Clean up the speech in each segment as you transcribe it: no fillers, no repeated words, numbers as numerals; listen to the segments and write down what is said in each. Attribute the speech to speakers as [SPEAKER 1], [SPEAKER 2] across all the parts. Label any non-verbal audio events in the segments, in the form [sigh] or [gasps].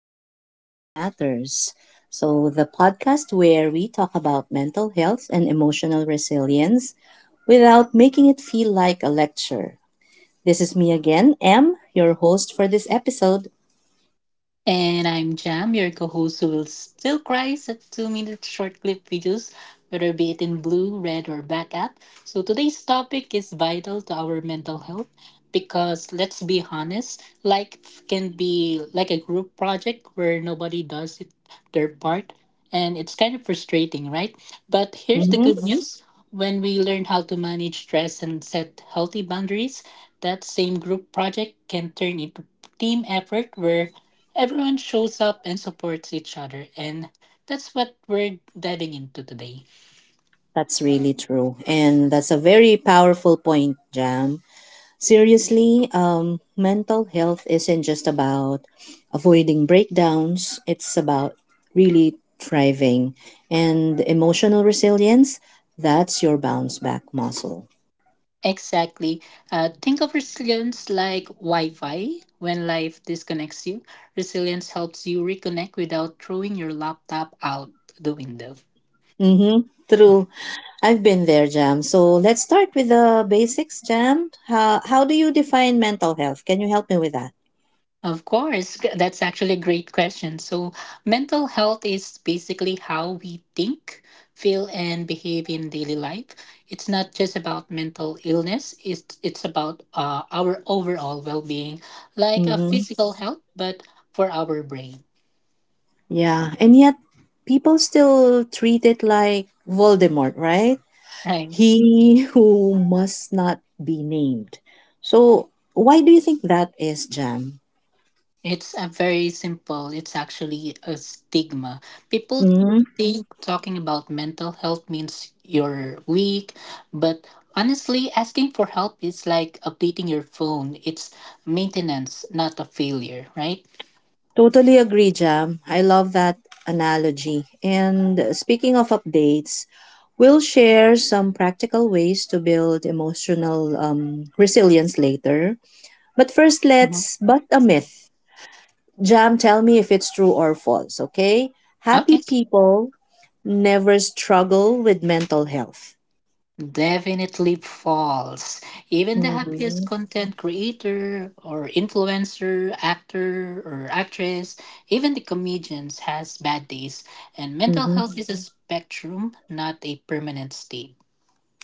[SPEAKER 1] Welcome to Mind Matters. So, the podcast where we talk about mental health and emotional resilience without making it feel like a lecture. This is me again, Em, your host for this episode.
[SPEAKER 2] And I'm Jam, your co host who will still cries at 2 minute short clip videos, whether be it in blue, red, or black app. So today's topic is vital to our mental health because let's be honest, life can be like a group project where nobody does it, their part, and it's kind of frustrating, right? But here's the
[SPEAKER 1] Hmm.
[SPEAKER 2] good news when we learn how to manage stress and set healthy boundaries, that same group project can turn into team effort where everyone shows up and supports each other, and that's what we're diving into today.
[SPEAKER 1] That's really true. And that's a very powerful point, Jam. Seriously, mental health isn't just about avoiding breakdowns, it's about really thriving. And emotional resilience, that's your bounce back muscle.
[SPEAKER 2] Exactly. Think of resilience like Wi Fi. When life disconnects you, resilience helps you reconnect without throwing your laptop out the window.
[SPEAKER 1] Mm-hmm. True. I've been there, Jam. So let's start with the basics, Jam. How do you define mental health? Can you help me with that?
[SPEAKER 2] Of course, that's actually a great question. So, mental health is basically how we think, feel, and behave in daily life. It's not just about mental illness, it's about our overall well being, like a
[SPEAKER 1] Mm-hmm.
[SPEAKER 2] physical health, but for our brain,
[SPEAKER 1] Yeah. And yet, people still treat it like Voldemort, right?
[SPEAKER 2] right?
[SPEAKER 1] He who must not be named. So, why do you think that is, Jam?
[SPEAKER 2] It's a very simple. It's actually a stigma. People
[SPEAKER 1] Hmm.
[SPEAKER 2] think talking about mental health means you're weak, but honestly, asking for help is like updating your phone. It's maintenance, not a failure, right?
[SPEAKER 1] Totally agree, Jam. I love that analogy. And speaking of updates, we'll share some practical ways to build emotional resilience later. But first,
[SPEAKER 2] Mhm.
[SPEAKER 1] let's bust a myth. Jam, tell me if it's true or false, okay? Happy
[SPEAKER 2] Okay.
[SPEAKER 1] people never struggle with mental health.
[SPEAKER 2] Definitely false. Even the happiest
[SPEAKER 1] Mm-hmm.
[SPEAKER 2] content creator or influencer, actor or actress, even the comedians has bad days and mental health is a spectrum, not a permanent state.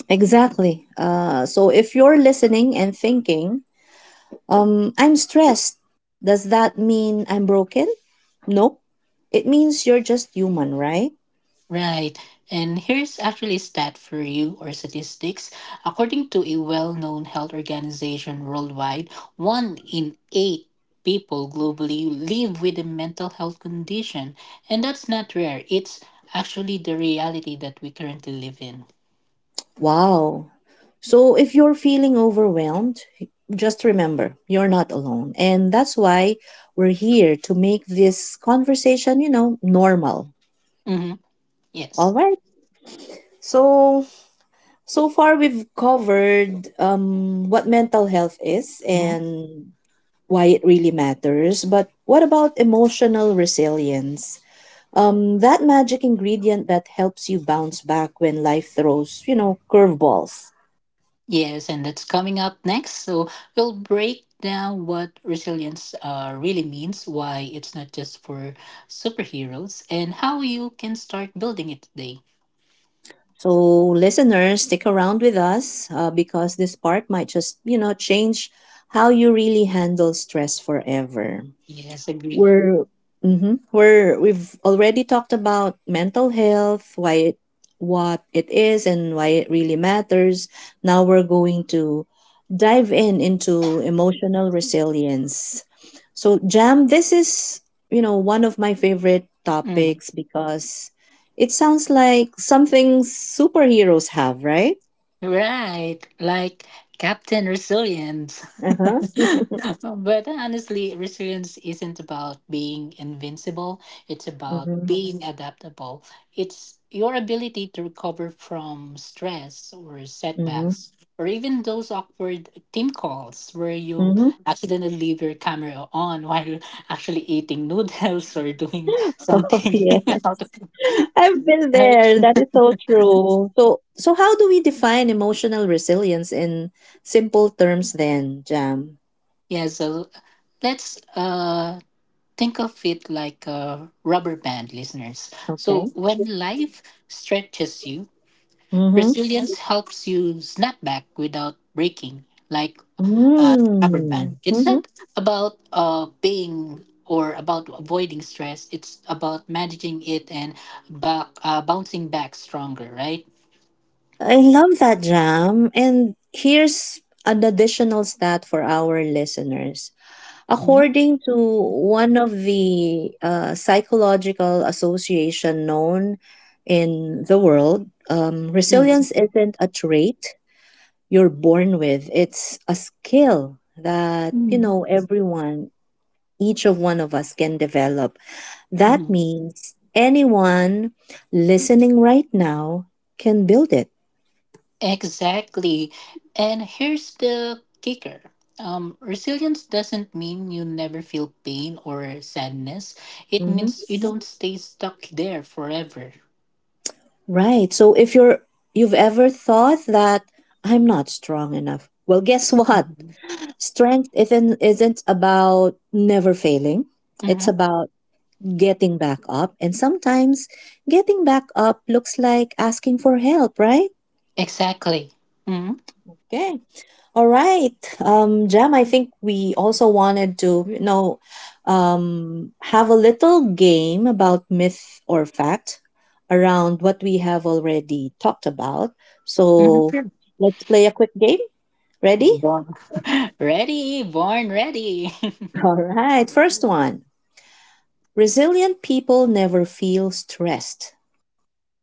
[SPEAKER 1] Exactly. So if you're listening and thinking, I'm stressed, does that mean I'm broken? Nope. It means you're just human, right?
[SPEAKER 2] Right. And here's actually a stat for you or statistics. According to a well known health organization worldwide, 1 in 8 people globally live with a mental health condition. And that's not rare, it's actually the reality that we currently live in.
[SPEAKER 1] Wow. So if you're feeling overwhelmed, just remember you're not alone. And that's why we're here to make this conversation normal.
[SPEAKER 2] Mm-hmm.
[SPEAKER 1] All
[SPEAKER 2] Yes.
[SPEAKER 1] right. So so far we've covered what mental health is and why it really matters, but what about emotional resilience? That magic ingredient that helps you bounce back when life throws curveballs.
[SPEAKER 2] Yes, and that's coming up next. So we'll break down what resilience really means, why it's not just for superheroes, and how you can start building it today.
[SPEAKER 1] So, listeners, stick around with us because this part might just change how you really handle stress forever.
[SPEAKER 2] Yes, agree.
[SPEAKER 1] We're hmm we're we've already talked about mental health, why it, what it is and why it really matters. Now we're going to dive in into emotional resilience. So Jam, this is one of my favorite
[SPEAKER 2] Mm-hmm.
[SPEAKER 1] topics because it sounds like something superheroes have, right?
[SPEAKER 2] Right, like Captain Resilience.
[SPEAKER 1] Uh
[SPEAKER 2] [laughs]
[SPEAKER 1] huh.
[SPEAKER 2] But honestly, resilience isn't about being invincible, it's about
[SPEAKER 1] Mm-hmm.
[SPEAKER 2] being adaptable. It's your ability to recover from stress or
[SPEAKER 1] Mm-hmm.
[SPEAKER 2] setbacks, or even those awkward team calls where you
[SPEAKER 1] Mm-hmm.
[SPEAKER 2] accidentally leave your camera on while actually eating noodles [laughs] or doing
[SPEAKER 1] [laughs] Oh
[SPEAKER 2] something
[SPEAKER 1] yeah.
[SPEAKER 2] [laughs] out of
[SPEAKER 1] I've been there.
[SPEAKER 2] right.
[SPEAKER 1] That is so true. So, how do we define emotional resilience in simple terms then, Jam?
[SPEAKER 2] Yeah, so let's think of it like a rubber band, listeners. So
[SPEAKER 1] Okay.
[SPEAKER 2] when life stretches you,
[SPEAKER 1] Mm-hmm.
[SPEAKER 2] resilience helps you snap back without breaking like a rubber
[SPEAKER 1] Mm.
[SPEAKER 2] band. It's
[SPEAKER 1] Mm-hmm.
[SPEAKER 2] not about being or about avoiding stress. It's about managing it and bouncing back stronger, right?
[SPEAKER 1] I love that, Jam. And here's an additional stat for our listeners. According to one of the psychological association known in the world, resilience isn't a trait you're born with. It's a skill that
[SPEAKER 2] Mm-hmm.
[SPEAKER 1] everyone, each of one of us can develop. That means anyone listening right now can build it.
[SPEAKER 2] Exactly. And here's the kicker. Resilience doesn't mean you never feel pain or sadness. It
[SPEAKER 1] Hmm.
[SPEAKER 2] means you don't stay stuck there forever.
[SPEAKER 1] Right. So if you've ever thought that I'm not strong enough, well, guess [laughs] what?
[SPEAKER 2] Mm-hmm.
[SPEAKER 1] Strength isn't about never failing. It's about getting back up. And sometimes getting back up looks like asking for help, right?
[SPEAKER 2] Exactly. Mm-hmm.
[SPEAKER 1] Okay. All right. Jam, I think we also wanted to have a little game about myth or fact around what we have already talked about. So
[SPEAKER 2] Sure.
[SPEAKER 1] let's play a quick game. Ready?
[SPEAKER 2] Born [laughs] ready, born ready. [laughs]
[SPEAKER 1] All right. First one. Resilient people never feel stressed.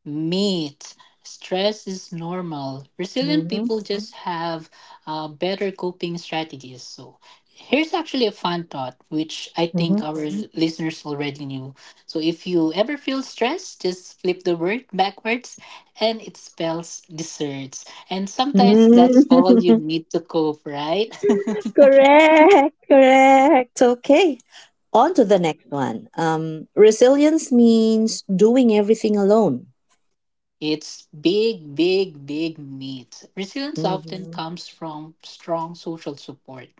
[SPEAKER 2] Meat. Stress is normal. Resilient
[SPEAKER 1] Mm-hmm.
[SPEAKER 2] people just have better coping strategies. So, here's actually a fun thought, which I think
[SPEAKER 1] Mm-hmm.
[SPEAKER 2] our Mhm. listeners already knew. So, if you ever feel stressed, just flip the word backwards and it spells desserts. And sometimes that's all you
[SPEAKER 1] Mm.
[SPEAKER 2] need to cope, right? [laughs]
[SPEAKER 1] [laughs] correct. Correct. Okay. On to the next one. Resilience means doing everything alone.
[SPEAKER 2] It's big, big, big meat. Resilience often
[SPEAKER 1] Hmm.
[SPEAKER 2] comes from strong social support.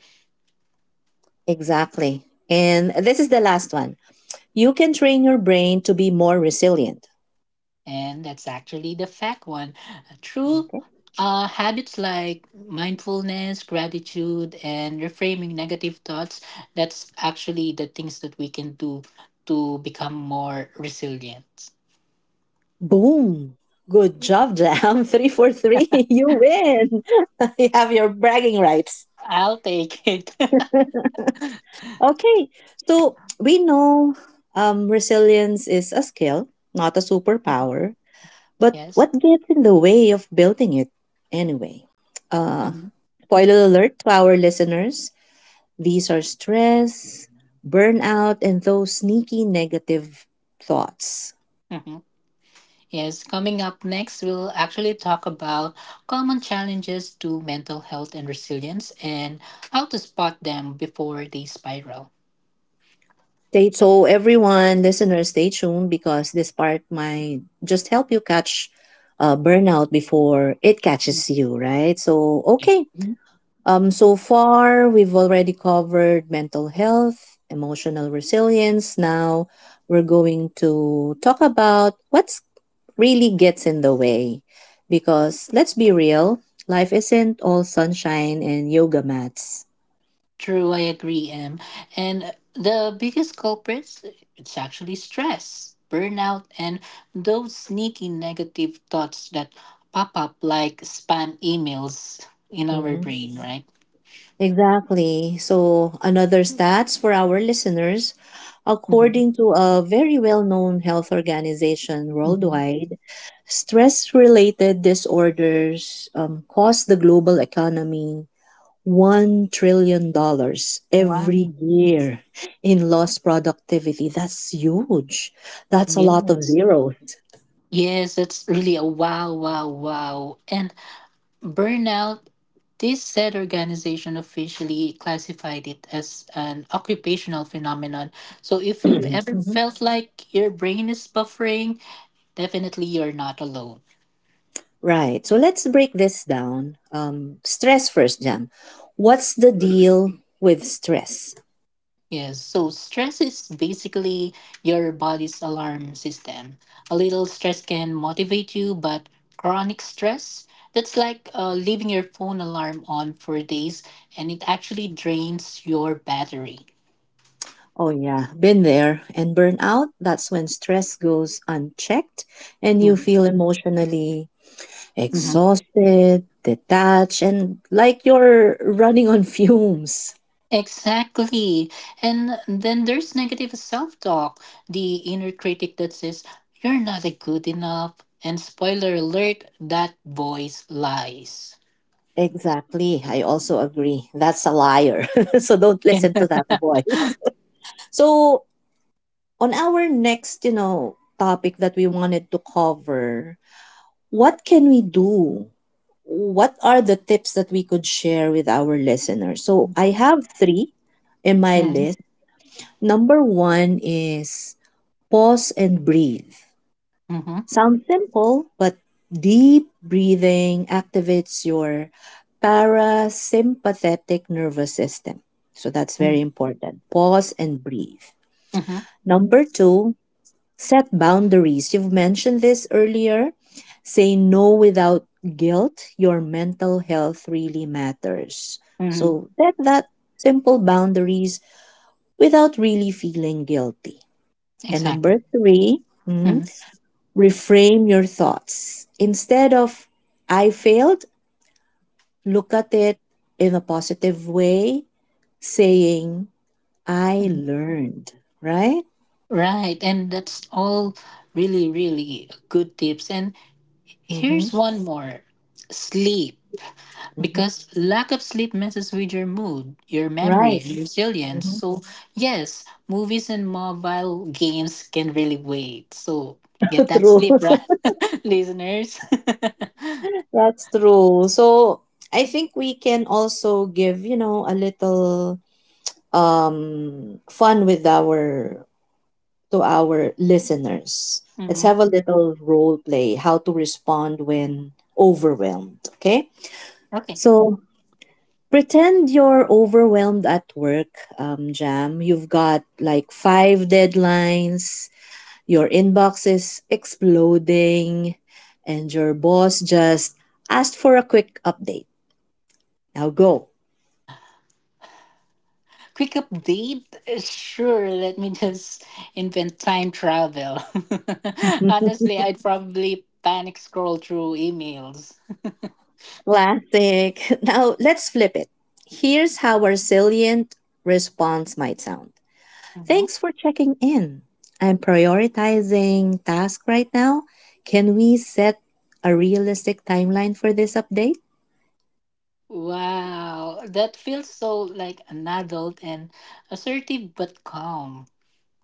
[SPEAKER 1] Exactly. And this is the last one. You can train your brain to be more resilient.
[SPEAKER 2] And that's actually the fact one. True,
[SPEAKER 1] Okay.
[SPEAKER 2] habits like mindfulness, gratitude, and reframing negative thoughts, that's actually the things that we can do to become more resilient.
[SPEAKER 1] Boom. Good job, Jam. [laughs] Three for three. [laughs] You win. [laughs] you have your bragging rights.
[SPEAKER 2] I'll take it. [laughs]
[SPEAKER 1] Okay, so we know resilience is a skill, not a superpower. But
[SPEAKER 2] Yes.
[SPEAKER 1] what gets in the way of building it anyway? Uh,
[SPEAKER 2] Hmm.
[SPEAKER 1] spoiler alert to our listeners these are stress, burnout, and those sneaky negative thoughts.
[SPEAKER 2] Hmm. Yes. Coming up next, we'll actually talk about common challenges to mental health and resilience and how to spot them before they spiral.
[SPEAKER 1] So, everyone, listeners, stay tuned because this part might just help you catch burnout before it catches you, right? So, okay. So far, we've already covered mental health, emotional resilience. Now, we're going to talk about what's really gets in the way. Because let's be real, life isn't all sunshine and yoga mats.
[SPEAKER 2] True, I agree, Em. And the biggest culprits, it's actually stress, burnout, and those sneaky negative thoughts that pop up like spam emails in our
[SPEAKER 1] Mm-hmm.
[SPEAKER 2] brain, right?
[SPEAKER 1] Exactly. So, another stats for our listeners.
[SPEAKER 2] Mhm.
[SPEAKER 1] According to a very well known health organization
[SPEAKER 2] Mhm.
[SPEAKER 1] worldwide, stress related disorders cost the global economy $1 trillion every
[SPEAKER 2] Wow.
[SPEAKER 1] year in lost productivity. That's huge. That's a lot of
[SPEAKER 2] Yes.
[SPEAKER 1] zeros.
[SPEAKER 2] Yes, that's really a wow, wow, wow. And burnout, this said organization officially classified it as an occupational phenomenon. So if you've
[SPEAKER 1] [clears throat]
[SPEAKER 2] ever
[SPEAKER 1] Mhm.
[SPEAKER 2] felt like your brain is buffering, definitely you're not alone.
[SPEAKER 1] Right. So let's break this down. Stress first, Jam. What's the deal with stress?
[SPEAKER 2] Yes, so stress is basically your body's alarm system. A little stress can motivate you, but chronic stress, that's like leaving your phone alarm on for days and it actually drains your battery.
[SPEAKER 1] Oh, yeah, been there. And burnout, that's when stress goes unchecked and you
[SPEAKER 2] Mm.
[SPEAKER 1] feel emotionally exhausted, detached, and like you're running on fumes.
[SPEAKER 2] Exactly. And then there's negative self talk, the inner critic that says, you're not a good enough. And spoiler alert, that voice lies.
[SPEAKER 1] Exactly. I also agree. That's a liar. [laughs] so don't
[SPEAKER 2] [laughs]
[SPEAKER 1] listen to that
[SPEAKER 2] Hmm.
[SPEAKER 1] voice. [laughs] So, on our next topic that we wanted to cover, what can we do? What are the tips that we could share with our listeners? So I have three in my list. Number one is pause and breathe.
[SPEAKER 2] Hmm.
[SPEAKER 1] Sounds simple, but deep breathing activates your parasympathetic nervous system. So that's very important. Pause and breathe.
[SPEAKER 2] Hmm.
[SPEAKER 1] Number two. Set boundaries. You've mentioned this earlier. Say no without guilt. Your mental health really matters.
[SPEAKER 2] Hmm.
[SPEAKER 1] So set that simple boundaries without really feeling guilty. And
[SPEAKER 2] Exactly.
[SPEAKER 1] number 3. mhm,
[SPEAKER 2] Hmm.
[SPEAKER 1] Reframe your thoughts. Instead of I failed, look at it in a positive way, saying I learned, right?
[SPEAKER 2] Right. And that's all really, really good tips. And
[SPEAKER 1] Mm-hmm.
[SPEAKER 2] here's one more, sleep.
[SPEAKER 1] Mm-hmm.
[SPEAKER 2] Because lack of sleep messes with your mood, your memory,
[SPEAKER 1] Right.
[SPEAKER 2] and resilience.
[SPEAKER 1] Mm-hmm.
[SPEAKER 2] So, yes, movies and mobile games can really wait. So,
[SPEAKER 1] [laughs]
[SPEAKER 2] get that
[SPEAKER 1] True.
[SPEAKER 2] sleep, right, [laughs] listeners? [laughs]
[SPEAKER 1] That's true. So I think we can also give a little fun with our to our listeners. Let's
[SPEAKER 2] Hmm.
[SPEAKER 1] have a little role play, how to respond when overwhelmed, okay?
[SPEAKER 2] Okay,
[SPEAKER 1] So pretend you're overwhelmed at work, Jam. You've got like five deadlines, your inbox is exploding, and your boss just asked for a quick update. Now go.
[SPEAKER 2] quick update. Sure, let me just invent time travel. [laughs] Honestly, I'd probably panic scroll through emails.
[SPEAKER 1] Classic. [laughs] Now let's flip it. Here's how our salient response might sound.
[SPEAKER 2] Mhm.
[SPEAKER 1] Thanks for checking in. I'm prioritizing task right now. Can we set a realistic timeline for this update?
[SPEAKER 2] Wow, that feels so like an adult and assertive but calm.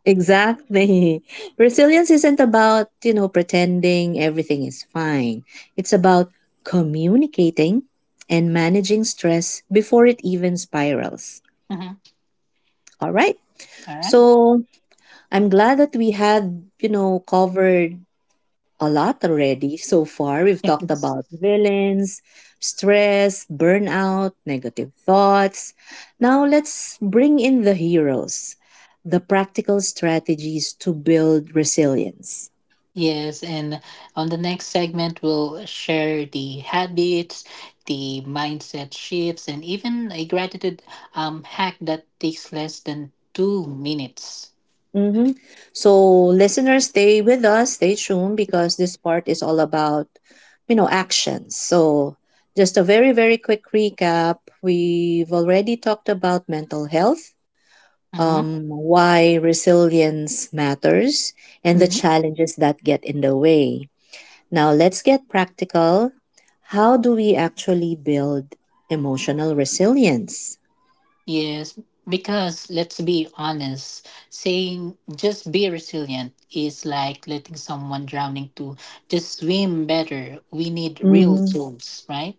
[SPEAKER 1] Exactly. [laughs] Resilience isn't about pretending everything is fine. It's about communicating and managing stress before it even spirals.
[SPEAKER 2] [laughs]
[SPEAKER 1] All right.
[SPEAKER 2] All right.
[SPEAKER 1] So I'm glad that we had covered a lot already so far. We've talked
[SPEAKER 2] Yes,
[SPEAKER 1] about villains, stress, burnout, negative thoughts. Now let's bring in the heroes, the practical strategies to build resilience.
[SPEAKER 2] Yes, and on the next segment, we'll share the habits, the mindset shifts, and even a gratitude hack that takes less than 2 minutes.
[SPEAKER 1] Mm-hmm. So, listeners, stay with us, stay tuned because this part is all about actions. So, just a very, very quick recap. We've already talked about mental health,
[SPEAKER 2] Mm-hmm.
[SPEAKER 1] why resilience matters, and the
[SPEAKER 2] Mm-hmm.
[SPEAKER 1] challenges that get in the way. Now, let's get practical. How do we actually build emotional resilience?
[SPEAKER 2] Yes, because let's be honest, saying just be resilient is like letting someone drowning to just swim better. We need real
[SPEAKER 1] Mm-hmm.
[SPEAKER 2] tools, right?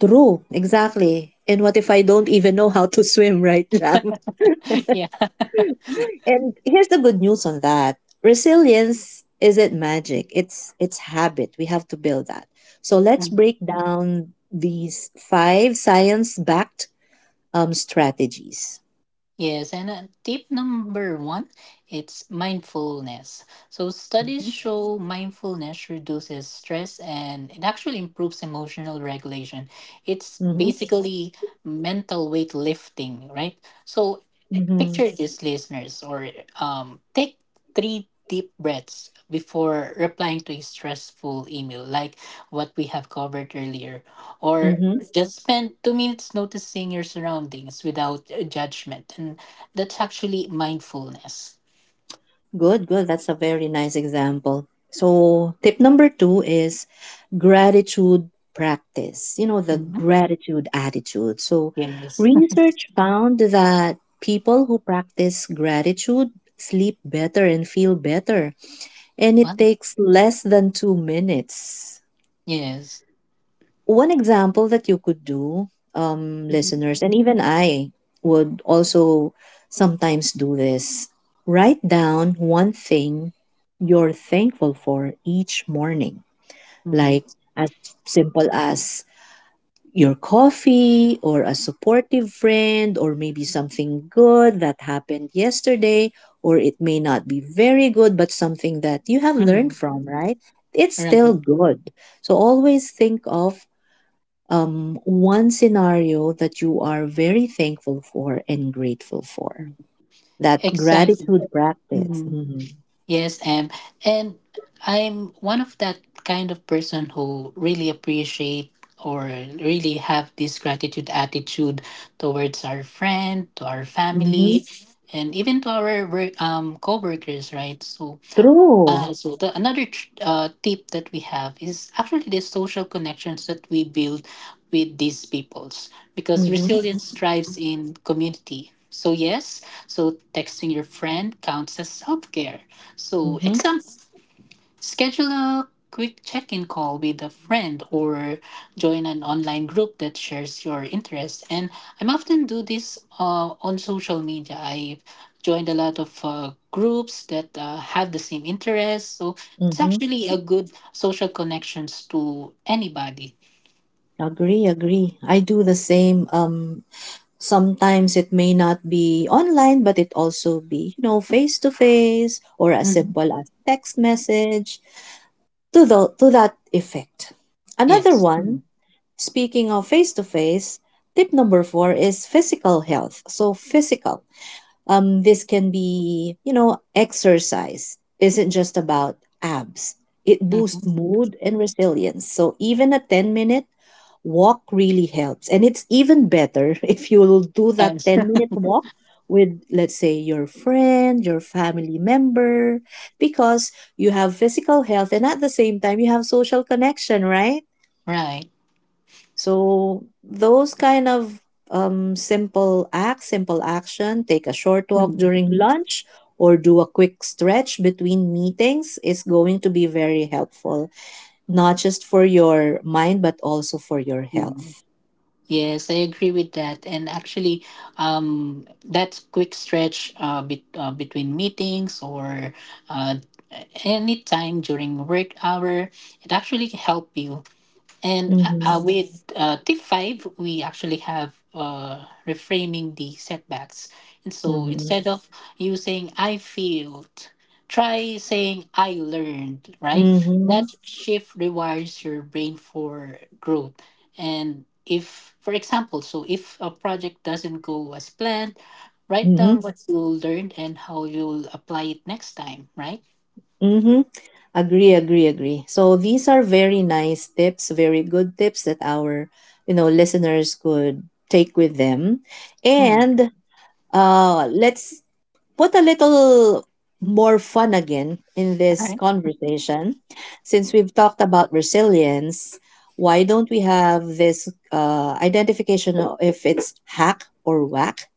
[SPEAKER 1] True, exactly. And what if I don't even know how to swim, right?
[SPEAKER 2] [laughs] Yeah.
[SPEAKER 1] And here's the good news on that. Resilience isn't magic. It's habit. We have to build that. So let's break down these five science-backed strategies.
[SPEAKER 2] Yes, and tip number one, it's mindfulness. So studies
[SPEAKER 1] Mm-hmm.
[SPEAKER 2] show mindfulness reduces stress and it actually improves emotional regulation. It's basically mental weight lifting, right? So
[SPEAKER 1] Mm-hmm.
[SPEAKER 2] picture this, listeners, or take three deep breaths before replying to a stressful email, like what we have covered earlier, or
[SPEAKER 1] Mm-hmm.
[SPEAKER 2] just spend 2 minutes noticing your surroundings without judgment, and that's actually mindfulness.
[SPEAKER 1] Good, good. That's a very nice example. So, tip number two is gratitude practice the
[SPEAKER 2] Mhm.
[SPEAKER 1] gratitude attitude. So,
[SPEAKER 2] Yes. [laughs]
[SPEAKER 1] research found that people who practice gratitude sleep better and feel better, and it
[SPEAKER 2] Wow.
[SPEAKER 1] takes less than 2 minutes.
[SPEAKER 2] Yes.
[SPEAKER 1] One example that you could do,
[SPEAKER 2] Mhm.
[SPEAKER 1] listeners, and even I would also sometimes do this write down one thing you're thankful for each morning,
[SPEAKER 2] Mhm.
[SPEAKER 1] like as simple as your coffee or a supportive friend, or maybe something good that happened yesterday, or it may not be very good, but something that you have learned
[SPEAKER 2] Mhm.
[SPEAKER 1] from, right? It's still
[SPEAKER 2] Right.
[SPEAKER 1] good. So always think of one scenario that you are very thankful for and grateful for.
[SPEAKER 2] Mhm.
[SPEAKER 1] That
[SPEAKER 2] Exactly.
[SPEAKER 1] gratitude practice.
[SPEAKER 2] Mm-hmm.
[SPEAKER 1] Hmm.
[SPEAKER 2] Yes, and I'm one of that kind of person who really appreciate or really have this gratitude attitude towards our friend, to our
[SPEAKER 1] Hmm.
[SPEAKER 2] family, and even to our work, co-workers, right? So
[SPEAKER 1] True.
[SPEAKER 2] so the another tip that we have is actually the social connections that we build with these peoples because
[SPEAKER 1] Hmm.
[SPEAKER 2] resilience thrives in community. So yes, so texting your friend counts as self care. So
[SPEAKER 1] Hmm.
[SPEAKER 2] example, schedule a quick check in call with a friend or join an online group that shares your interests. And I am often do this on social media. I joined a lot of groups that have the same interests. So it's
[SPEAKER 1] Hmm.
[SPEAKER 2] actually a good social connections to anybody.
[SPEAKER 1] Agree, agree, I do the same. Sometimes it may not be online, but it also be, you know, face to face or as
[SPEAKER 2] Mhm.
[SPEAKER 1] simple as text message to that effect. Another
[SPEAKER 2] Yes.
[SPEAKER 1] one.
[SPEAKER 2] Mhm.
[SPEAKER 1] Speaking of face to face, tip number four is physical health. So physical. This can be exercise isn't just about abs. It boosts
[SPEAKER 2] Mhm.
[SPEAKER 1] mood and resilience. So even a 10-minute walk really helps. And it's even better [laughs] if you'll do that
[SPEAKER 2] And
[SPEAKER 1] 10-minute walk with, let's say, your friend, your family member, because you have physical health and at the same time you have social connection, right?
[SPEAKER 2] right.
[SPEAKER 1] So those kind of simple acts, simple action, take a short walk
[SPEAKER 2] [laughs]
[SPEAKER 1] during lunch or do a quick stretch between meetings is going to be very helpful, not just for your mind, but also for your
[SPEAKER 2] Mhm.
[SPEAKER 1] health.
[SPEAKER 2] Yes, I agree with that. And actually, that quick stretch between meetings or uh, any time during work hour, it actually help you and
[SPEAKER 1] Mhm.
[SPEAKER 2] with tip five, we actually have reframing the setbacks. And so
[SPEAKER 1] Mm-hmm.
[SPEAKER 2] instead of you saying, I failed, try saying, I learned, right?
[SPEAKER 1] Mm-hmm.
[SPEAKER 2] That shift rewires your brain for growth. And if, for example, so if a project doesn't go as planned, write
[SPEAKER 1] Mm-hmm.
[SPEAKER 2] down what you learned and how you'll apply it next time, right?
[SPEAKER 1] Mm-hmm. Agree, agree, agree. So these are very nice tips, very good tips that our listeners could take with them.
[SPEAKER 2] Mm,
[SPEAKER 1] And let's put a little more fun again in
[SPEAKER 2] all
[SPEAKER 1] this
[SPEAKER 2] right.
[SPEAKER 1] conversation. Since we've talked about resilience, why don't we have this identification of if it's hack or whack?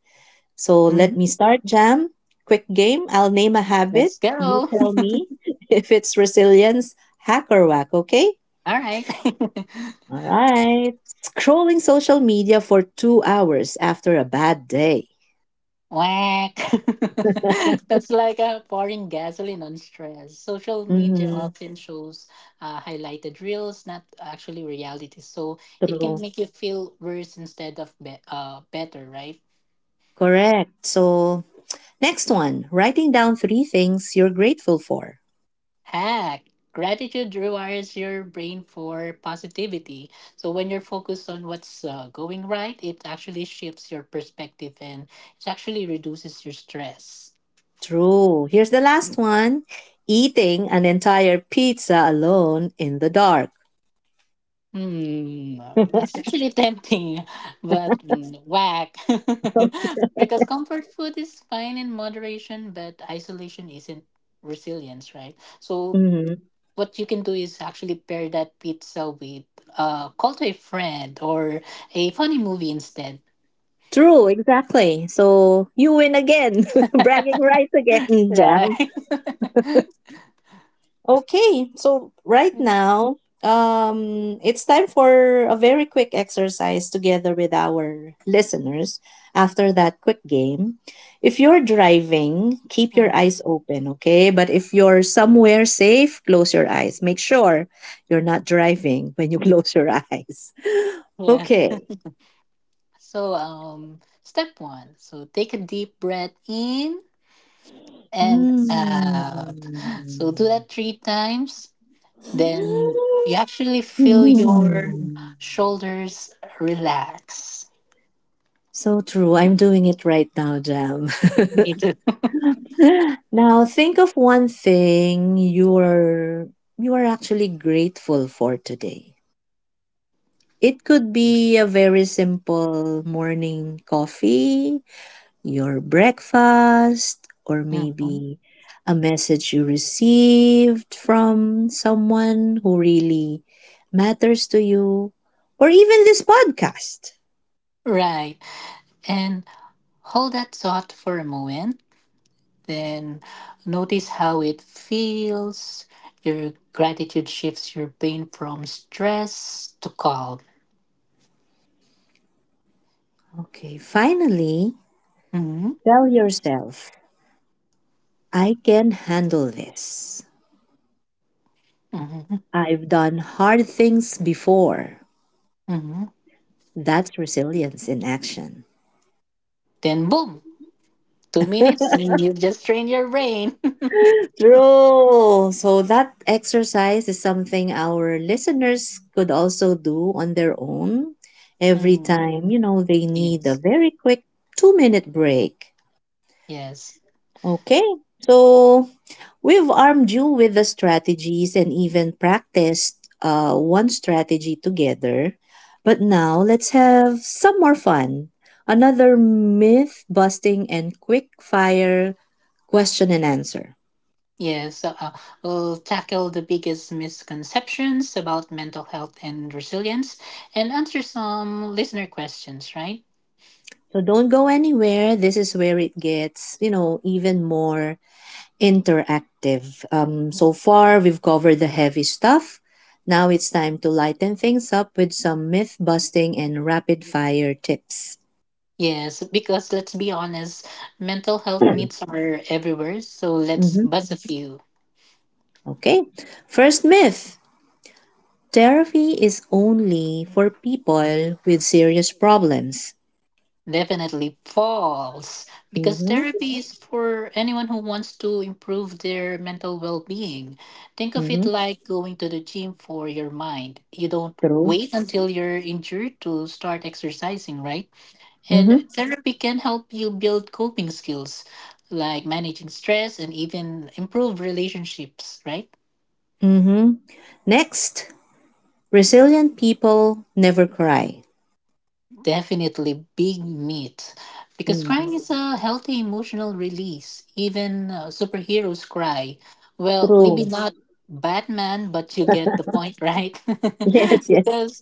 [SPEAKER 1] So let
[SPEAKER 2] Mhm.
[SPEAKER 1] me start, Jam. Quick game. I'll name a
[SPEAKER 2] Let's
[SPEAKER 1] habit. You
[SPEAKER 2] go.
[SPEAKER 1] tell me [laughs] if it's resilience, hack, or whack, okay?
[SPEAKER 2] [laughs] All right. [laughs]
[SPEAKER 1] All right. Scrolling social media for 2 hours after a bad day.
[SPEAKER 2] Whack. [laughs] That's like a pouring gasoline on stress. Social media
[SPEAKER 1] Mm-hmm.
[SPEAKER 2] often shows highlighted reels, not actually reality. So it can
[SPEAKER 1] True.
[SPEAKER 2] make you feel worse instead of better, right?
[SPEAKER 1] Correct. So, next one: writing down three things you're grateful for.
[SPEAKER 2] Hack. Gratitude rewires your brain for positivity. So when you're focused on what's going right, it actually shifts your perspective and it actually reduces your stress.
[SPEAKER 1] True. Here's the last one: eating an entire pizza alone in the dark.
[SPEAKER 2] Hmm, it's actually tempting, [laughs] but whack. [laughs] Because comfort food is fine in moderation, but isolation isn't resilience, right? So
[SPEAKER 1] Mm-hmm.
[SPEAKER 2] what you can do is actually pair that pizza with a call to a friend or a funny movie instead,
[SPEAKER 1] True, exactly. So you win again. [laughs] Bragging rights again, [laughs] Jam.
[SPEAKER 2] right? [laughs]
[SPEAKER 1] Right now, it's time for a very quick exercise together with our listeners after that quick game. If you're driving, keep your
[SPEAKER 2] Mm.
[SPEAKER 1] eyes open, okay? But if you're somewhere safe, close your eyes. Make sure you're not driving when you [laughs] close your eyes.
[SPEAKER 2] Yes.
[SPEAKER 1] Okay.
[SPEAKER 2] So step 1, so take a deep breath in and out.
[SPEAKER 1] Hmm.
[SPEAKER 2] So do that 3 times. Then
[SPEAKER 1] [gasps]
[SPEAKER 2] you actually feel your
[SPEAKER 1] Hmm.
[SPEAKER 2] shoulders relax.
[SPEAKER 1] So true. I'm doing it right now, Jam.
[SPEAKER 2] Me too. [laughs]
[SPEAKER 1] [laughs] Now think of one thing you are actually grateful for today. It could be a very simple morning coffee, your breakfast, or
[SPEAKER 2] Mhm.
[SPEAKER 1] maybe a message you received from someone who really matters to you, or even this podcast.
[SPEAKER 2] Right. And hold that thought for a moment. Then notice how it feels. Your gratitude shifts your pain from stress to calm.
[SPEAKER 1] Okay, finally,
[SPEAKER 2] Hmm.
[SPEAKER 1] tell yourself, I can handle this.
[SPEAKER 2] Hmm.
[SPEAKER 1] I've done hard things before.
[SPEAKER 2] Hmm.
[SPEAKER 1] That's resilience in action.
[SPEAKER 2] Then boom, two
[SPEAKER 1] [laughs]
[SPEAKER 2] minutes, and you've just trained your brain. [laughs]
[SPEAKER 1] True. So that exercise is something our listeners could also do on their own every
[SPEAKER 2] Mhm.
[SPEAKER 1] time, they need a
[SPEAKER 2] Yes.
[SPEAKER 1] very quick 2 minute break.
[SPEAKER 2] Yes.
[SPEAKER 1] Okay, so we've armed you with the strategies and even practiced one strategy together. But now let's have some more fun. Another myth busting and quick fire question and answer.
[SPEAKER 2] Yes, uh, uh, we'll tackle the biggest misconceptions about mental health and resilience and answer some listener questions, right?
[SPEAKER 1] So don't go anywhere. This is where it gets, you know, even more interactive. So far, we've covered the heavy stuff. Now it's time to lighten things up with some myth busting and rapid fire tips.
[SPEAKER 2] Yes, because let's be honest, mental health myths are everywhere, so let's
[SPEAKER 1] Mhm.
[SPEAKER 2] buzz a few.
[SPEAKER 1] Okay. First myth, therapy is only for people with serious problems.
[SPEAKER 2] Definitely false, because
[SPEAKER 1] Mm-hmm.
[SPEAKER 2] therapy is for anyone who wants to improve their mental well being. Think of it
[SPEAKER 1] Mm-hmm.
[SPEAKER 2] like going to the gym for your mind. You don't
[SPEAKER 1] True.
[SPEAKER 2] wait until you're injured to start exercising, right? And
[SPEAKER 1] Mm-hmm.
[SPEAKER 2] therapy can help you build coping skills like managing stress and even improve relationships, right?
[SPEAKER 1] Mm-hmm. Next, resilient people never cry.
[SPEAKER 2] Definitely big meat. Because
[SPEAKER 1] Mm-hmm.
[SPEAKER 2] crying is a healthy emotional release. Even superheroes cry. Well, maybe
[SPEAKER 1] True. [laughs]
[SPEAKER 2] not Batman, but you get the point, right?
[SPEAKER 1] Yes,
[SPEAKER 2] [laughs]
[SPEAKER 1] yes,
[SPEAKER 2] Because,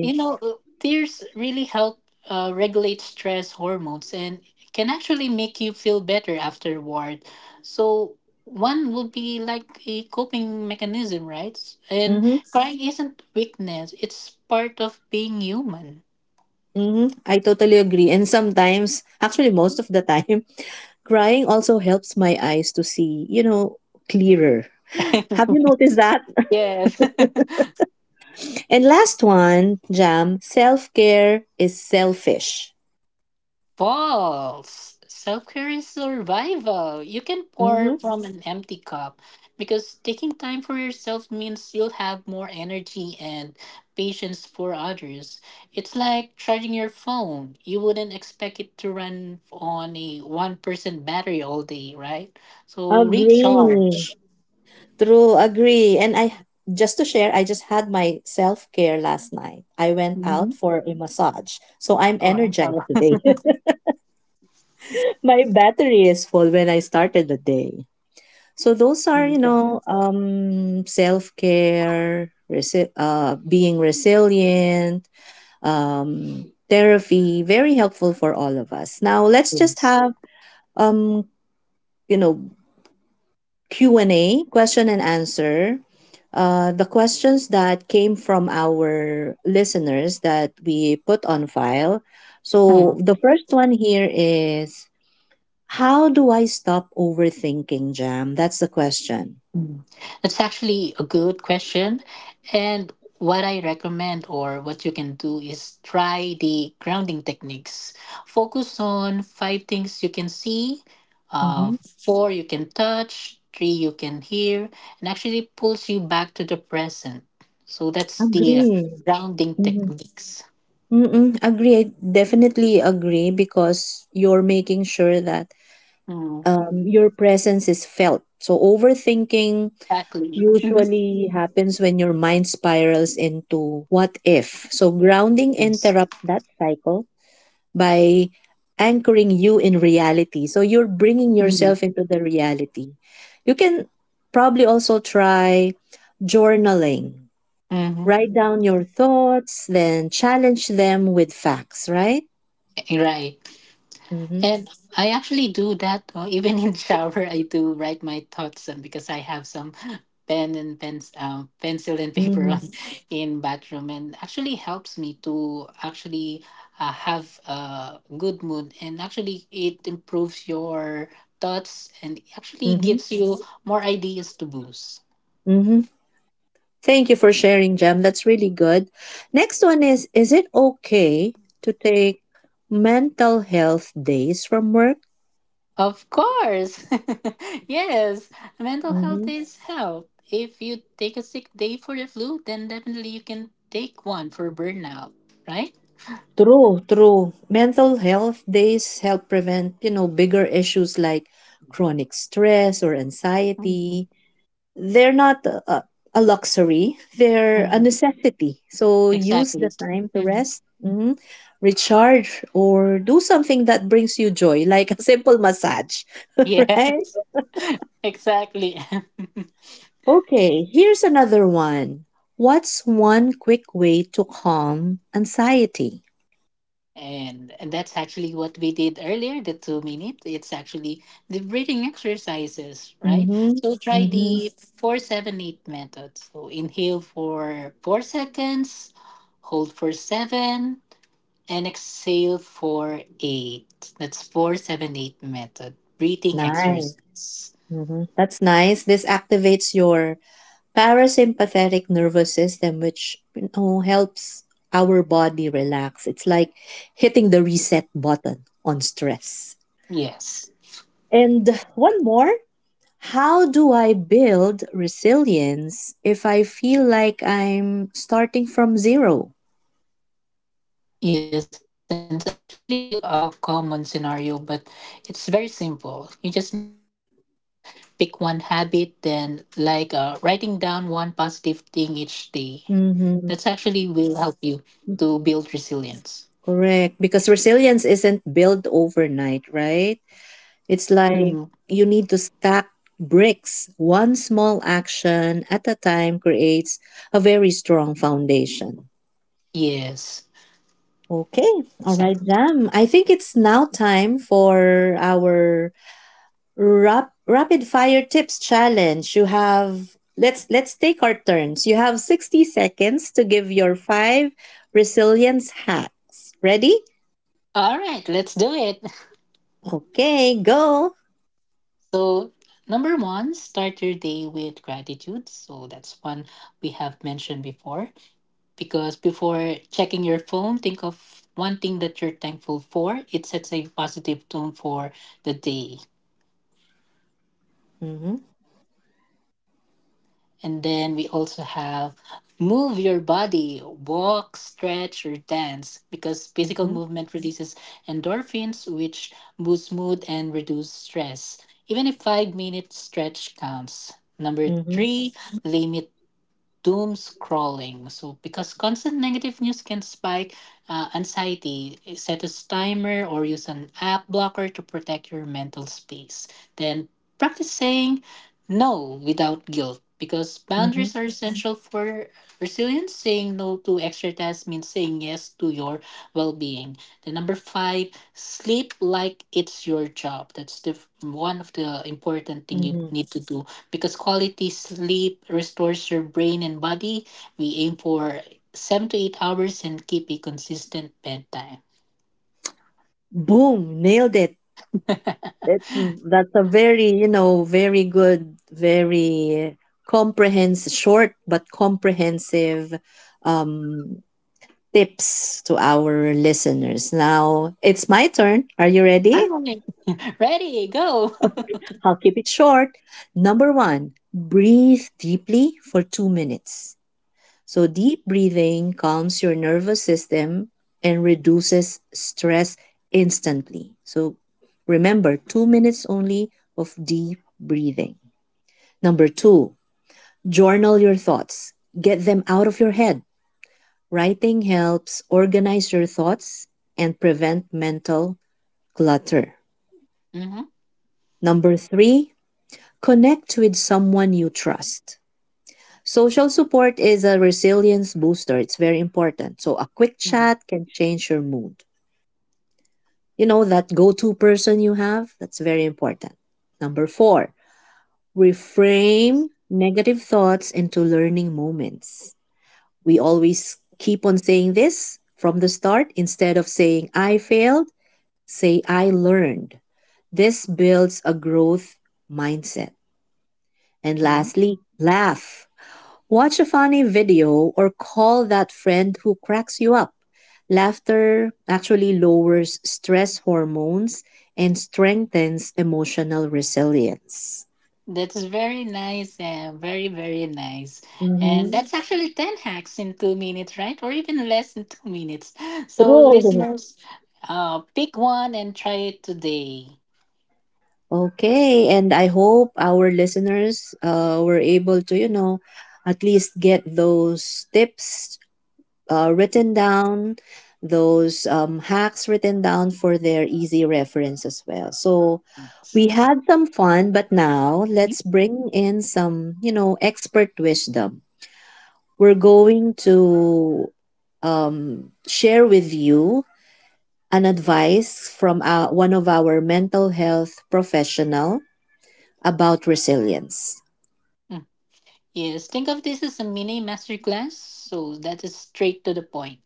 [SPEAKER 2] you know, tears really help regulate stress hormones and can actually make you feel better afterward. So, one would be like a coping mechanism, right? And
[SPEAKER 1] Mm-hmm.
[SPEAKER 2] crying isn't weakness, it's part of being human.
[SPEAKER 1] Mhm, I totally agree. And sometimes, actually, most of the time, [laughs] crying also helps my eyes to see, you know, clearer. [gasps] [laughs] Have
[SPEAKER 2] [laughs]
[SPEAKER 1] you noticed that? [laughs]
[SPEAKER 2] Yes. [laughs]
[SPEAKER 1] And last one, Jam, self care is selfish.
[SPEAKER 2] False. Self care is survival. You can pour
[SPEAKER 1] Mm-hmm.
[SPEAKER 2] from an empty cup because taking time for yourself means you'll have more energy and patience for others. It's like charging your phone. You wouldn't expect it to run on a 1% battery all day, right? So
[SPEAKER 1] Agree.
[SPEAKER 2] recharge.
[SPEAKER 1] True, agree. Just to share, I just had my self care last night. I went
[SPEAKER 2] Mm-hmm.
[SPEAKER 1] out for a massage. So I'm energized
[SPEAKER 2] Or-
[SPEAKER 1] today. [laughs] My battery is full when I started the day. So those are, you know, self care, being resilient, therapy, very helpful for all of us. Now
[SPEAKER 2] [laughs]
[SPEAKER 1] let's just
[SPEAKER 2] yes.
[SPEAKER 1] have, um, you know, Q and A, question and answer. The questions that came from our listeners that we put on file. So the first one here is, how do I stop overthinking, Jam? That's the question.
[SPEAKER 2] Mm. That's actually a good question. And what I recommend or what you can do is try the grounding techniques. Focus on five things you can see, uh,
[SPEAKER 1] Mm-hmm.
[SPEAKER 2] four you can touch, three you can hear, and actually pulls you back to the present. So that's the
[SPEAKER 1] Agree.
[SPEAKER 2] grounding
[SPEAKER 1] Mm-hmm.
[SPEAKER 2] techniques.
[SPEAKER 1] Mm-mm, agree. I definitely agree because you're making sure that
[SPEAKER 2] Mm.
[SPEAKER 1] your presence is felt. So overthinking
[SPEAKER 2] Exactly. Mhm.
[SPEAKER 1] usually happens when your mind spirals into what if. So grounding
[SPEAKER 2] Yes.
[SPEAKER 1] interrupts that cycle by anchoring you in reality. So you're bringing
[SPEAKER 2] Mhm.
[SPEAKER 1] yourself into the reality. You can probably also try journaling.
[SPEAKER 2] Mhm.
[SPEAKER 1] Write down your thoughts, then challenge them with facts, right?
[SPEAKER 2] Right.
[SPEAKER 1] Mm-hmm.
[SPEAKER 2] And I actually do that. [laughs] Even in shower, I do write my thoughts because I have some pen and pens, pencil and paper
[SPEAKER 1] Mm-hmm.
[SPEAKER 2] on [laughs] in bathroom, and actually helps me to actually have a good mood. And actually, it improves your thoughts and actually gives
[SPEAKER 1] Mm-hmm.
[SPEAKER 2] you more ideas to boost.
[SPEAKER 1] Mm-hmm. Thank you for sharing, Jam. That's really good. Next one is it okay to take mental health days from work?
[SPEAKER 2] Of course. [laughs] Yes, mental health
[SPEAKER 1] Mm-hmm.
[SPEAKER 2] is health. If you take a sick day for the flu, then definitely you can take one for burnout, right?
[SPEAKER 1] True, true. Mental health days help prevent, you know, bigger issues like chronic stress or
[SPEAKER 2] Mhm.
[SPEAKER 1] anxiety. They're not a luxury, they're a
[SPEAKER 2] Mhm.
[SPEAKER 1] necessity. So use
[SPEAKER 2] Exactly.
[SPEAKER 1] the time to
[SPEAKER 2] Mhm.
[SPEAKER 1] rest, mhm, recharge, or do something that brings you joy, [laughs] like a simple massage, [laughs] right?
[SPEAKER 2] Yes, [laughs] exactly. [laughs]
[SPEAKER 1] Okay, here's another one. What's one quick way to calm anxiety?
[SPEAKER 2] And that's actually what we did earlier, the 2 minute. It's actually the breathing exercises, right?
[SPEAKER 1] Mm-hmm.
[SPEAKER 2] So try
[SPEAKER 1] Mm-hmm.
[SPEAKER 2] the 4-7-8 method. So inhale for 4 seconds, hold for seven, and exhale for eight. That's 4-7-8 method. Breathing
[SPEAKER 1] Nice.
[SPEAKER 2] exercise.
[SPEAKER 1] Hmm, that's nice. This activates your parasympathetic nervous system, which you know, helps our body relax. It's like hitting the reset button on stress.
[SPEAKER 2] Yes.
[SPEAKER 1] And one more, how do I build resilience if I feel like I'm starting from 0?
[SPEAKER 2] Yes, and it's actually a common scenario, but it's very simple. You just need to start small. Pick one habit, then, like writing down one positive thing each day.
[SPEAKER 1] Mm-hmm.
[SPEAKER 2] That's actually will help you to build resilience.
[SPEAKER 1] Correct. Because resilience isn't built overnight, right? It's like
[SPEAKER 2] Mm.
[SPEAKER 1] you need to stack bricks. One small action at a time creates a very strong foundation.
[SPEAKER 2] Yes.
[SPEAKER 1] Okay, all right,
[SPEAKER 2] Exactly.
[SPEAKER 1] Jam. I think it's now time for our rapid fire tips challenge. You have let's take our turns. You have 60 seconds to give your 5 resilience hacks. Ready?
[SPEAKER 2] All right, let's do it.
[SPEAKER 1] Okay, go.
[SPEAKER 2] So, number one, start your day with gratitude. So, that's one we have mentioned before. Because before checking your phone, think of one thing that you're thankful for. It sets a positive tone for the day.
[SPEAKER 1] Mm-hmm,
[SPEAKER 2] And then we also have move your body, walk, stretch, or dance, because physical
[SPEAKER 1] mm-hmm,
[SPEAKER 2] movement releases endorphins, which boost mood and reduce stress. Even a 5 minute stretch counts. Number
[SPEAKER 1] mm-hmm,
[SPEAKER 2] three, limit doom scrolling. So, because constant negative news can spike anxiety, eh, set a timer or use an app blocker to protect your mental space. Then, practice saying no without guilt because
[SPEAKER 1] mm-hmm,
[SPEAKER 2] boundaries are essential for resilience. Saying no to extra tasks means saying yes to your well being. Then, number five, sleep like it's your job. That's the one of the important thing you
[SPEAKER 1] mm-hmm.
[SPEAKER 2] need to do because quality sleep restores your brain and body. We aim for 7 to 8 hours and keep a consistent bedtime.
[SPEAKER 1] Boom, nailed it. It's that's a very, you know, very good, very comprehensive, short but comprehensive um, tips to our listeners. Now it's my turn. Are you ready?
[SPEAKER 2] I'm ready. Ready, go. [laughs]
[SPEAKER 1] Okay, I'll keep it short. Number one, breathe deeply for 2 minutes. So, deep breathing calms your nervous system and reduces stress instantly. So, remember 2 minutes only of deep breathing. Number two, journal your thoughts, get them out of your head. Writing helps organize your thoughts and prevent mental clutter.
[SPEAKER 2] Hmm.
[SPEAKER 1] Number three, connect with someone you trust. Social support is a resilience booster. It's very important. So a quick
[SPEAKER 2] Hmm.
[SPEAKER 1] chat can change your mood. You know, that go to person you have, that's very important. Number four, reframe negative thoughts into learning moments. We always keep on saying this from the start. Instead of saying, I failed, say, I learned. This builds a growth mindset. And
[SPEAKER 2] Hmm.
[SPEAKER 1] lastly, laugh. Watch a funny video or call that friend who cracks you up. Laughter actually lowers stress hormones and strengthens emotional resilience.
[SPEAKER 2] That's [laughs] very nice and very, very nice. And
[SPEAKER 1] Mm-hmm.
[SPEAKER 2] that's actually 10 hacks in 2 minutes, right? Or even less than 2 minutes. [laughs] So,
[SPEAKER 1] True.
[SPEAKER 2] listeners, pick one and try it today.
[SPEAKER 1] Okay, and I hope our listeners were able to, you know, at least get those tips written down, those hacks written down for their easy reference as well. So
[SPEAKER 2] Mm.
[SPEAKER 1] we had some fun, but now let's bring in some, you know, expert wisdom. We're going to share with you an advice from one of our mental health professional about resilience.
[SPEAKER 2] Yes, think of this as a mini masterclass, so that is straight to the point.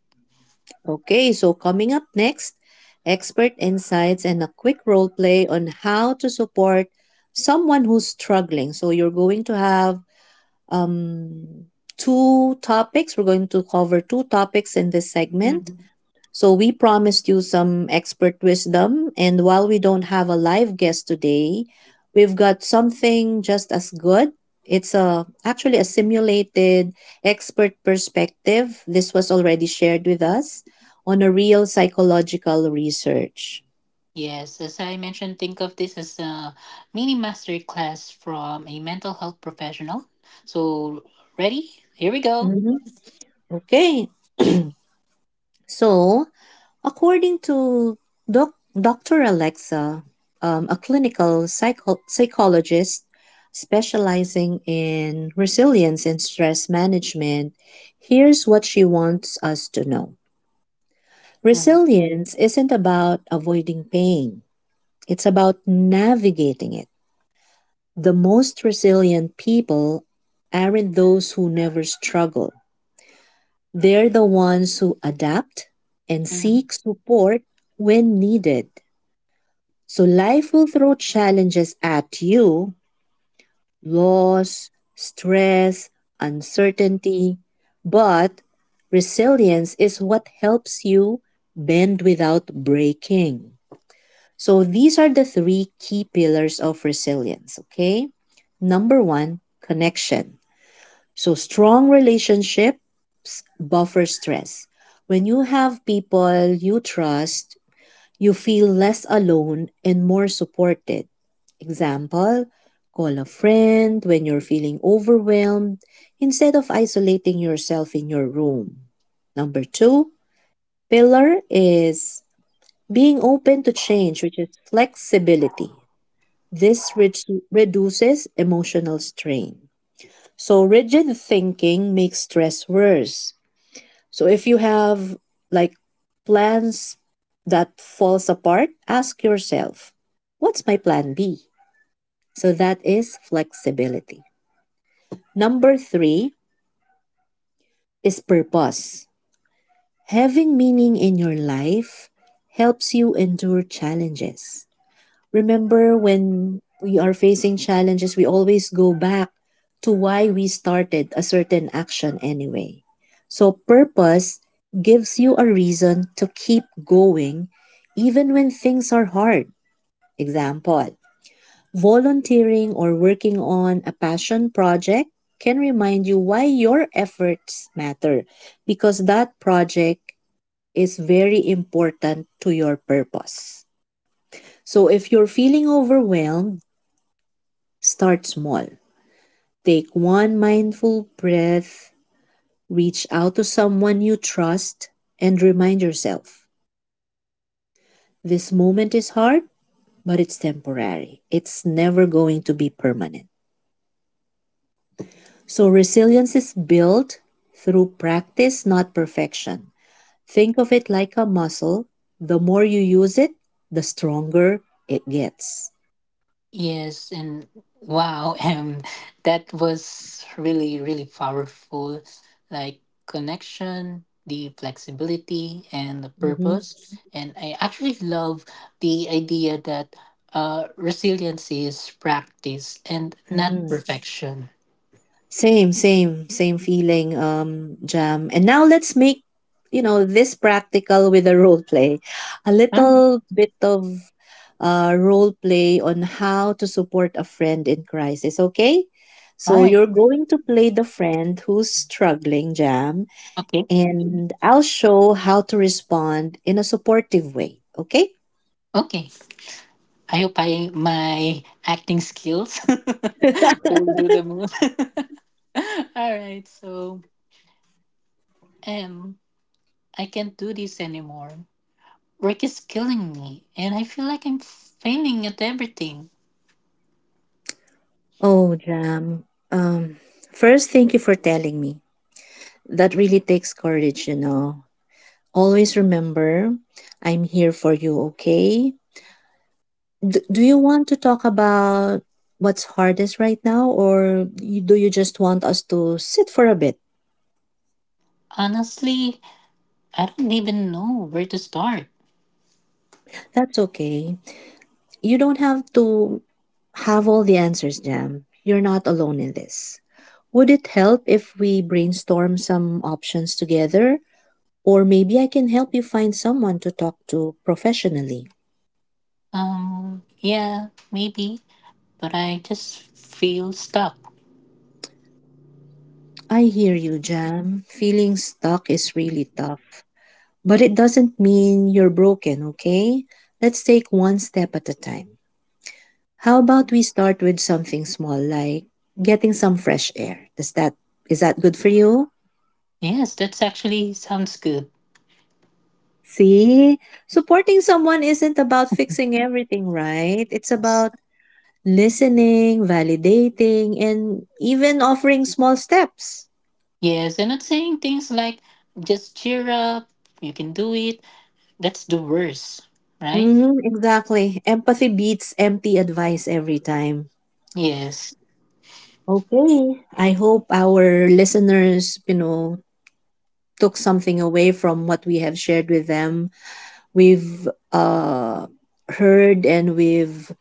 [SPEAKER 1] Okay, so coming up next, expert insights and a quick role play on how to support someone who's struggling. So you're going to have um, two topics. We're going to cover two topics in this segment.
[SPEAKER 2] Mhm.
[SPEAKER 1] So we promised you some expert wisdom, and while we don't have a live guest today, we've got something just as good. It's a actually a simulated expert perspective. This was already shared with us on a real psychological research.
[SPEAKER 2] Yes, as I mentioned, think of this as a mini master class from a mental health professional. So, ready? Here we go.
[SPEAKER 1] Mhm. Okay. [clears throat] So, according to Dr. Alexa, a clinical psychologist specializing in resilience and stress management, here's what she wants us to know.
[SPEAKER 2] Mhm.
[SPEAKER 1] Resilience isn't about avoiding pain, it's about navigating it. The most resilient people aren't those who never struggle, they're the ones who adapt and
[SPEAKER 2] Mhm.
[SPEAKER 1] seek support when needed. So life will throw challenges at you, loss, stress, uncertainty. But resilience is what helps you bend without breaking. So these are the 3 key pillars of resilience, okay? Number one, connection. So strong relationship buffer stress. When you have people you trust, you feel less alone and more supported. Example, call a friend when you're feeling overwhelmed instead of isolating yourself in your room. Number two pillar is being open to change, which is flexibility. This reduces emotional strain. So, rigid thinking makes stress worse. So if you have like plans that falls apart, ask yourself, what's my plan B? So that is flexibility. Number 3 is purpose. Having meaning in your life helps you endure challenges. Remember when we are facing challenges, we always go back to why we started a certain action anyway. So, purpose gives you a reason to keep going even when things are hard. Example, volunteering or working on a passion project can remind you why your efforts matter because that project is very important to your purpose. So, if you're feeling overwhelmed, start small. Take one mindful breath, reach out to someone you trust, and remind yourself this moment is hard, but it's temporary. It's never going to be permanent. So, resilience is built through practice, not perfection. Think of it like a muscle. The more you use it, the stronger it gets.
[SPEAKER 2] Yes, and wow, [laughs] that was really, really powerful. Like connection, the flexibility, and the
[SPEAKER 1] Mm-hmm.
[SPEAKER 2] purpose. And I actually love the idea that resilience is practice and not
[SPEAKER 1] Mm-hmm.
[SPEAKER 2] perfection.
[SPEAKER 1] Same, same, same feeling, Jam. And now let's make, you know, this practical with a role play. A
[SPEAKER 2] Mm.
[SPEAKER 1] little bit of role play on how to support a friend in crisis, okay?
[SPEAKER 2] All
[SPEAKER 1] So
[SPEAKER 2] right.
[SPEAKER 1] you're going to play the friend who's struggling, Jam,
[SPEAKER 2] Okay.
[SPEAKER 1] and I'll show how to respond in a supportive way, okay?
[SPEAKER 2] Okay. I hope I my acting skills [laughs] will do the move. [laughs] All right. So, um, I can't do this anymore. Work is killing me, and I feel like I'm failing at everything.
[SPEAKER 1] Oh, Jam. Um, first, thank you for telling me. That really takes courage, you know. Always remember, I'm here for you, okay? Do you want to talk about what's hardest right now, do you just want us to sit for a bit?
[SPEAKER 2] Honestly, I don't even know where to start.
[SPEAKER 1] That's okay. You don't have to have all the answers, Jam. You're not alone in this. Would it help if we brainstorm some options together? Or maybe I can help you find someone to talk to professionally.
[SPEAKER 2] Yeah, maybe, but I just feel stuck.
[SPEAKER 1] I hear you, Jam. Feeling stuck is really tough. But it doesn't mean you're broken, okay? Let's take one step at a time. How about we start with something small like getting some fresh air? Does that is that good for you?
[SPEAKER 2] Yes, that's actually sounds good.
[SPEAKER 1] See, supporting someone isn't about fixing everything, right? It's about listening, validating, and even offering small steps.
[SPEAKER 2] Yes, and not saying things like just cheer up, you can do it. That's the worst, right?
[SPEAKER 1] Mm-hmm, exactly. Empathy beats empty advice every time.
[SPEAKER 2] Yes.
[SPEAKER 1] Okay. I hope our listeners, you know, took something away from what we have shared with them. We've heard and we've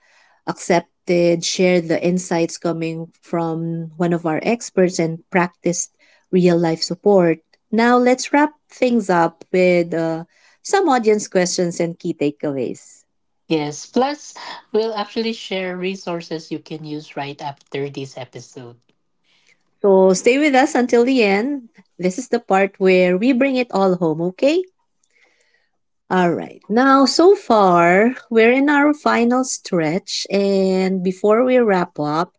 [SPEAKER 1] accepted, shared the insights coming from one of our experts, and practiced real life support. Now, let's wrap things up with some audience questions and key takeaways.
[SPEAKER 2] Yes. Plus, we'll actually share resources you can use right after this episode.
[SPEAKER 1] So, stay with us until the end. This is the part where we bring it all home, okay? All right. Now, so far, we're in our final stretch. And before we wrap up,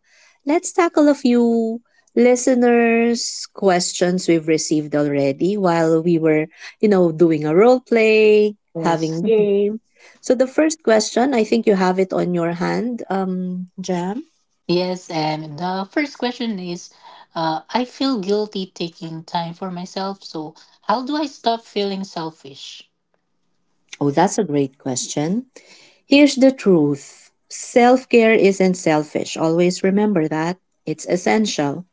[SPEAKER 1] let's tackle a few listeners' questions we've received already while we were, doing a role play,
[SPEAKER 2] Yes.
[SPEAKER 1] having
[SPEAKER 2] [laughs]
[SPEAKER 1] game. So the first question, I think you have it on your hand, Jam.
[SPEAKER 2] Yes, and the first question is I feel guilty taking time for myself, so how do I stop feeling selfish?
[SPEAKER 1] Oh, that's a great question. Here's the truth. Self care isn't selfish. Always remember that. It's essential.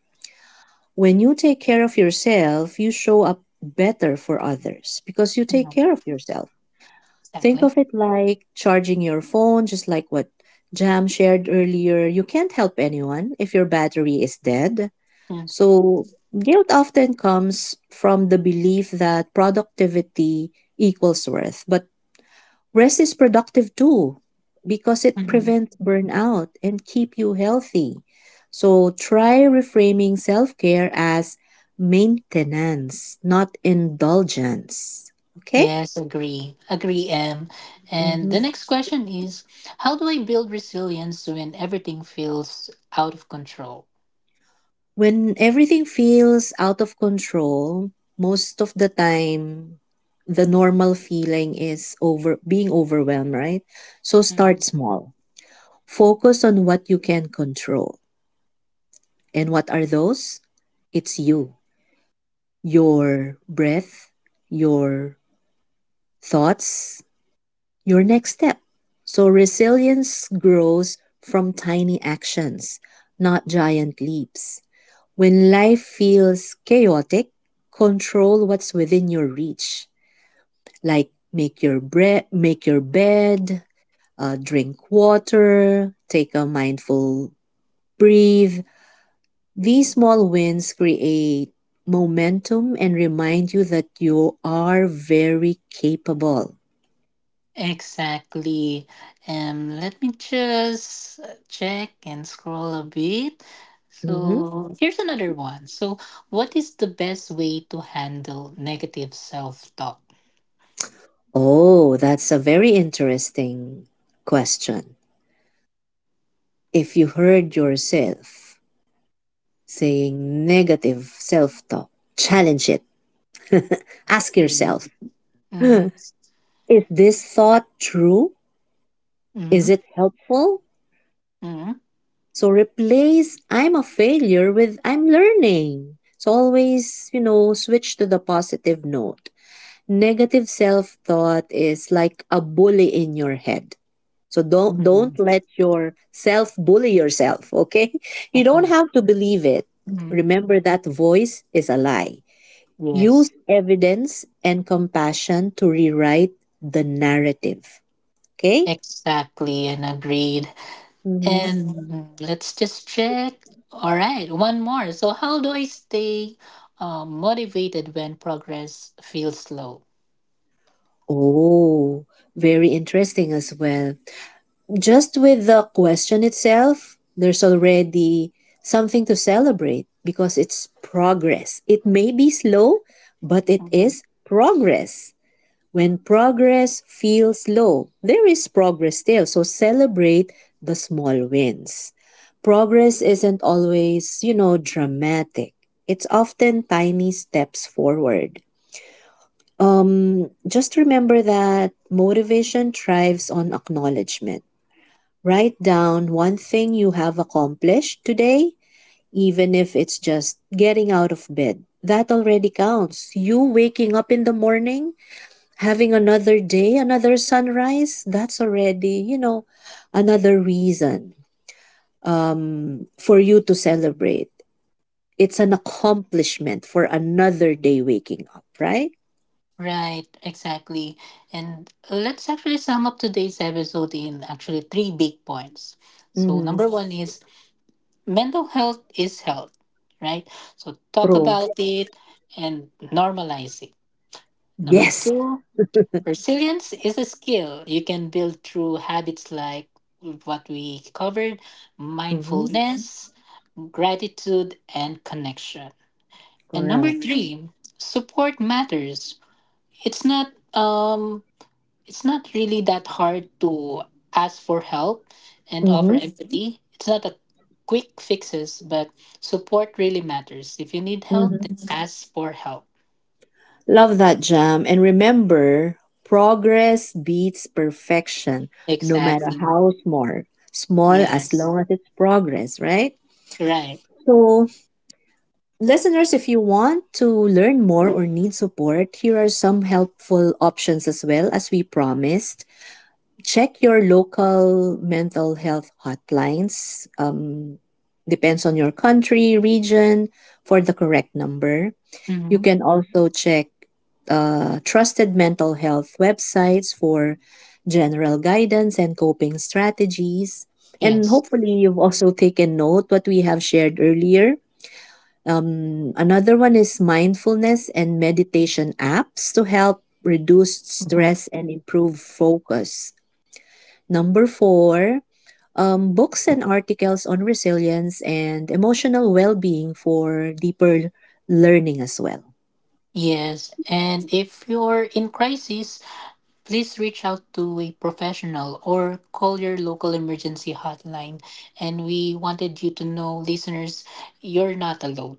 [SPEAKER 1] When you take care of yourself, you show up better for others because you take
[SPEAKER 2] Mm.
[SPEAKER 1] care of yourself. Think
[SPEAKER 2] Exactly.
[SPEAKER 1] of it like charging your phone, just like what Jam shared earlier. You can't help anyone if your battery is dead.
[SPEAKER 2] Mm.
[SPEAKER 1] So, guilt often comes from the belief that productivity equals worth, but rest is productive too because
[SPEAKER 2] Mm,
[SPEAKER 1] it
[SPEAKER 2] mm.
[SPEAKER 1] prevents burnout and keep you healthy. So try reframing self-care as maintenance, not indulgence. Okay?
[SPEAKER 2] Yes, agree. Agree, M. And
[SPEAKER 1] Mhm.
[SPEAKER 2] the next question is how do I build resilience when everything feels out of control?
[SPEAKER 1] When everything feels out of control, most of the time the normal feeling is over being overwhelmed, right? So start
[SPEAKER 2] Mm.
[SPEAKER 1] small. Focus on what you can control. And what are those? It's you. Your breath, your thoughts, your next step. So resilience grows from tiny actions, not giant leaps. When life feels chaotic, control what's within your reach. Like make your bed, drink water, take a mindful breathe. These small wins create momentum and remind you that you are very capable.
[SPEAKER 2] Exactly. Let me just check and scroll a bit.
[SPEAKER 1] Mhm.
[SPEAKER 2] So here's another one. So, what is the best way to handle negative self talk?
[SPEAKER 1] Oh, that's a very interesting question. If you heard yourself saying negative self talk, challenge it. [laughs] Ask
[SPEAKER 2] Yes.
[SPEAKER 1] yourself, [laughs]
[SPEAKER 2] Mm-hmm.
[SPEAKER 1] is this thought true?
[SPEAKER 2] Mm-hmm.
[SPEAKER 1] Is it helpful? So replace I'm a failure with I'm learning. So always, switch to the positive note. Negative self-thought is like a bully in your head. So don't
[SPEAKER 2] Mm-hmm.
[SPEAKER 1] don't let yourself bully yourself, okay? [laughs] You don't
[SPEAKER 2] Okay.
[SPEAKER 1] have to believe it.
[SPEAKER 2] Mm-hmm.
[SPEAKER 1] Remember that voice is a lie. Use
[SPEAKER 2] Yes.
[SPEAKER 1] evidence and compassion to rewrite the narrative, okay?
[SPEAKER 2] Exactly, and agreed.
[SPEAKER 1] Mhm.
[SPEAKER 2] And let's just check. All right, one more. So, how do I stay motivated when progress feels slow?
[SPEAKER 1] Oh, very interesting as well. Just with the question itself, there's already something to celebrate because it's progress. It may be slow, but it
[SPEAKER 2] Mhm.
[SPEAKER 1] is progress. When progress feels slow, there is progress still. So celebrate the small wins. Progress isn't always, dramatic. It's often tiny steps forward. Just remember that motivation thrives on acknowledgement. Write down one thing you have accomplished today, even if it's just getting out of bed. That already counts. You waking up in the morning, having another day, another sunrise, that's already another reason for you to celebrate. It's an accomplishment for another day waking up, right?
[SPEAKER 2] Right, exactly. And let's actually sum up today's episode in actually three big points. So,
[SPEAKER 1] Mm-hmm.
[SPEAKER 2] number one is mental health is health, right? So, talk
[SPEAKER 1] True.
[SPEAKER 2] about it and normalize it. Number
[SPEAKER 1] Yes.
[SPEAKER 2] two, resilience is a skill you can build through habits like what we covered
[SPEAKER 1] Mm-hmm.
[SPEAKER 2] mindfulness, gratitude, and connection. And number
[SPEAKER 1] Correct.
[SPEAKER 2] three, support matters. It's not um it's not really that hard to ask for help and offer
[SPEAKER 1] Mm-hmm.
[SPEAKER 2] empathy. It's not a quick fixes, but support really matters. If you need help,
[SPEAKER 1] Mm-hmm.
[SPEAKER 2] then ask for help.
[SPEAKER 1] Love that, Jam. And remember, progress beats perfection, no matter
[SPEAKER 2] Exactly.
[SPEAKER 1] how small. Small as
[SPEAKER 2] Yes.
[SPEAKER 1] long as it's progress, right?
[SPEAKER 2] Right.
[SPEAKER 1] So, listeners, if you want to learn more or need support, here are some helpful options as well as we promised. Check your local mental health hotlines. Depends on your country, region, for the correct number. You
[SPEAKER 2] Hmm.
[SPEAKER 1] can also check trusted mental health websites for general guidance and coping strategies. And
[SPEAKER 2] Yes.
[SPEAKER 1] hopefully, you've also taken note what we have shared earlier. Another one is mindfulness and meditation apps to help reduce
[SPEAKER 2] Mhm.
[SPEAKER 1] stress and improve focus. Number four, books and articles on resilience and emotional well being for deeper learning as well.
[SPEAKER 2] Yes, and if you're in crisis, please reach out to a professional or call your local emergency hotline. And we wanted you to know, listeners, you're not alone.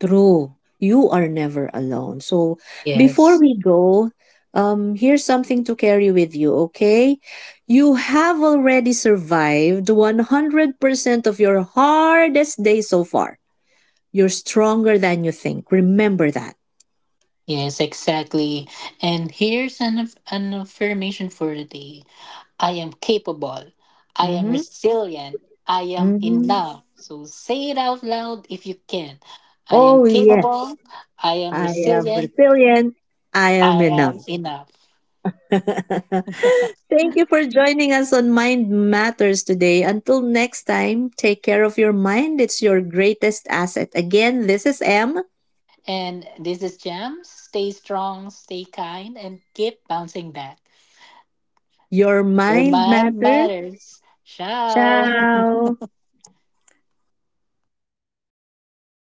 [SPEAKER 1] True. You are never alone. So before
[SPEAKER 2] Yes.
[SPEAKER 1] we go, here's something to carry with you, okay? You have already survived 100% of your hardest day so far. You're stronger than you think. Remember that.
[SPEAKER 2] Yes, exactly. And here's an affirmation for the day. I am capable, I am
[SPEAKER 1] Mm-hmm.
[SPEAKER 2] resilient, I am in
[SPEAKER 1] Mm-hmm.
[SPEAKER 2] love. So say it out loud if you can. I am
[SPEAKER 1] Oh, yes.
[SPEAKER 2] capable, I am
[SPEAKER 1] I am
[SPEAKER 2] resilient,
[SPEAKER 1] resilient. I
[SPEAKER 2] I
[SPEAKER 1] am enough.
[SPEAKER 2] am enough.
[SPEAKER 1] [laughs] Thank you for joining us on Mind Matters today. Until next time, take care of your mind. It's your greatest asset. Again, this is M.
[SPEAKER 2] And this is Jam. Stay strong, stay kind, and keep bouncing back.
[SPEAKER 1] Your
[SPEAKER 2] Your
[SPEAKER 1] mind
[SPEAKER 2] mind
[SPEAKER 1] matters.
[SPEAKER 2] matters. Ciao.
[SPEAKER 1] Ciao.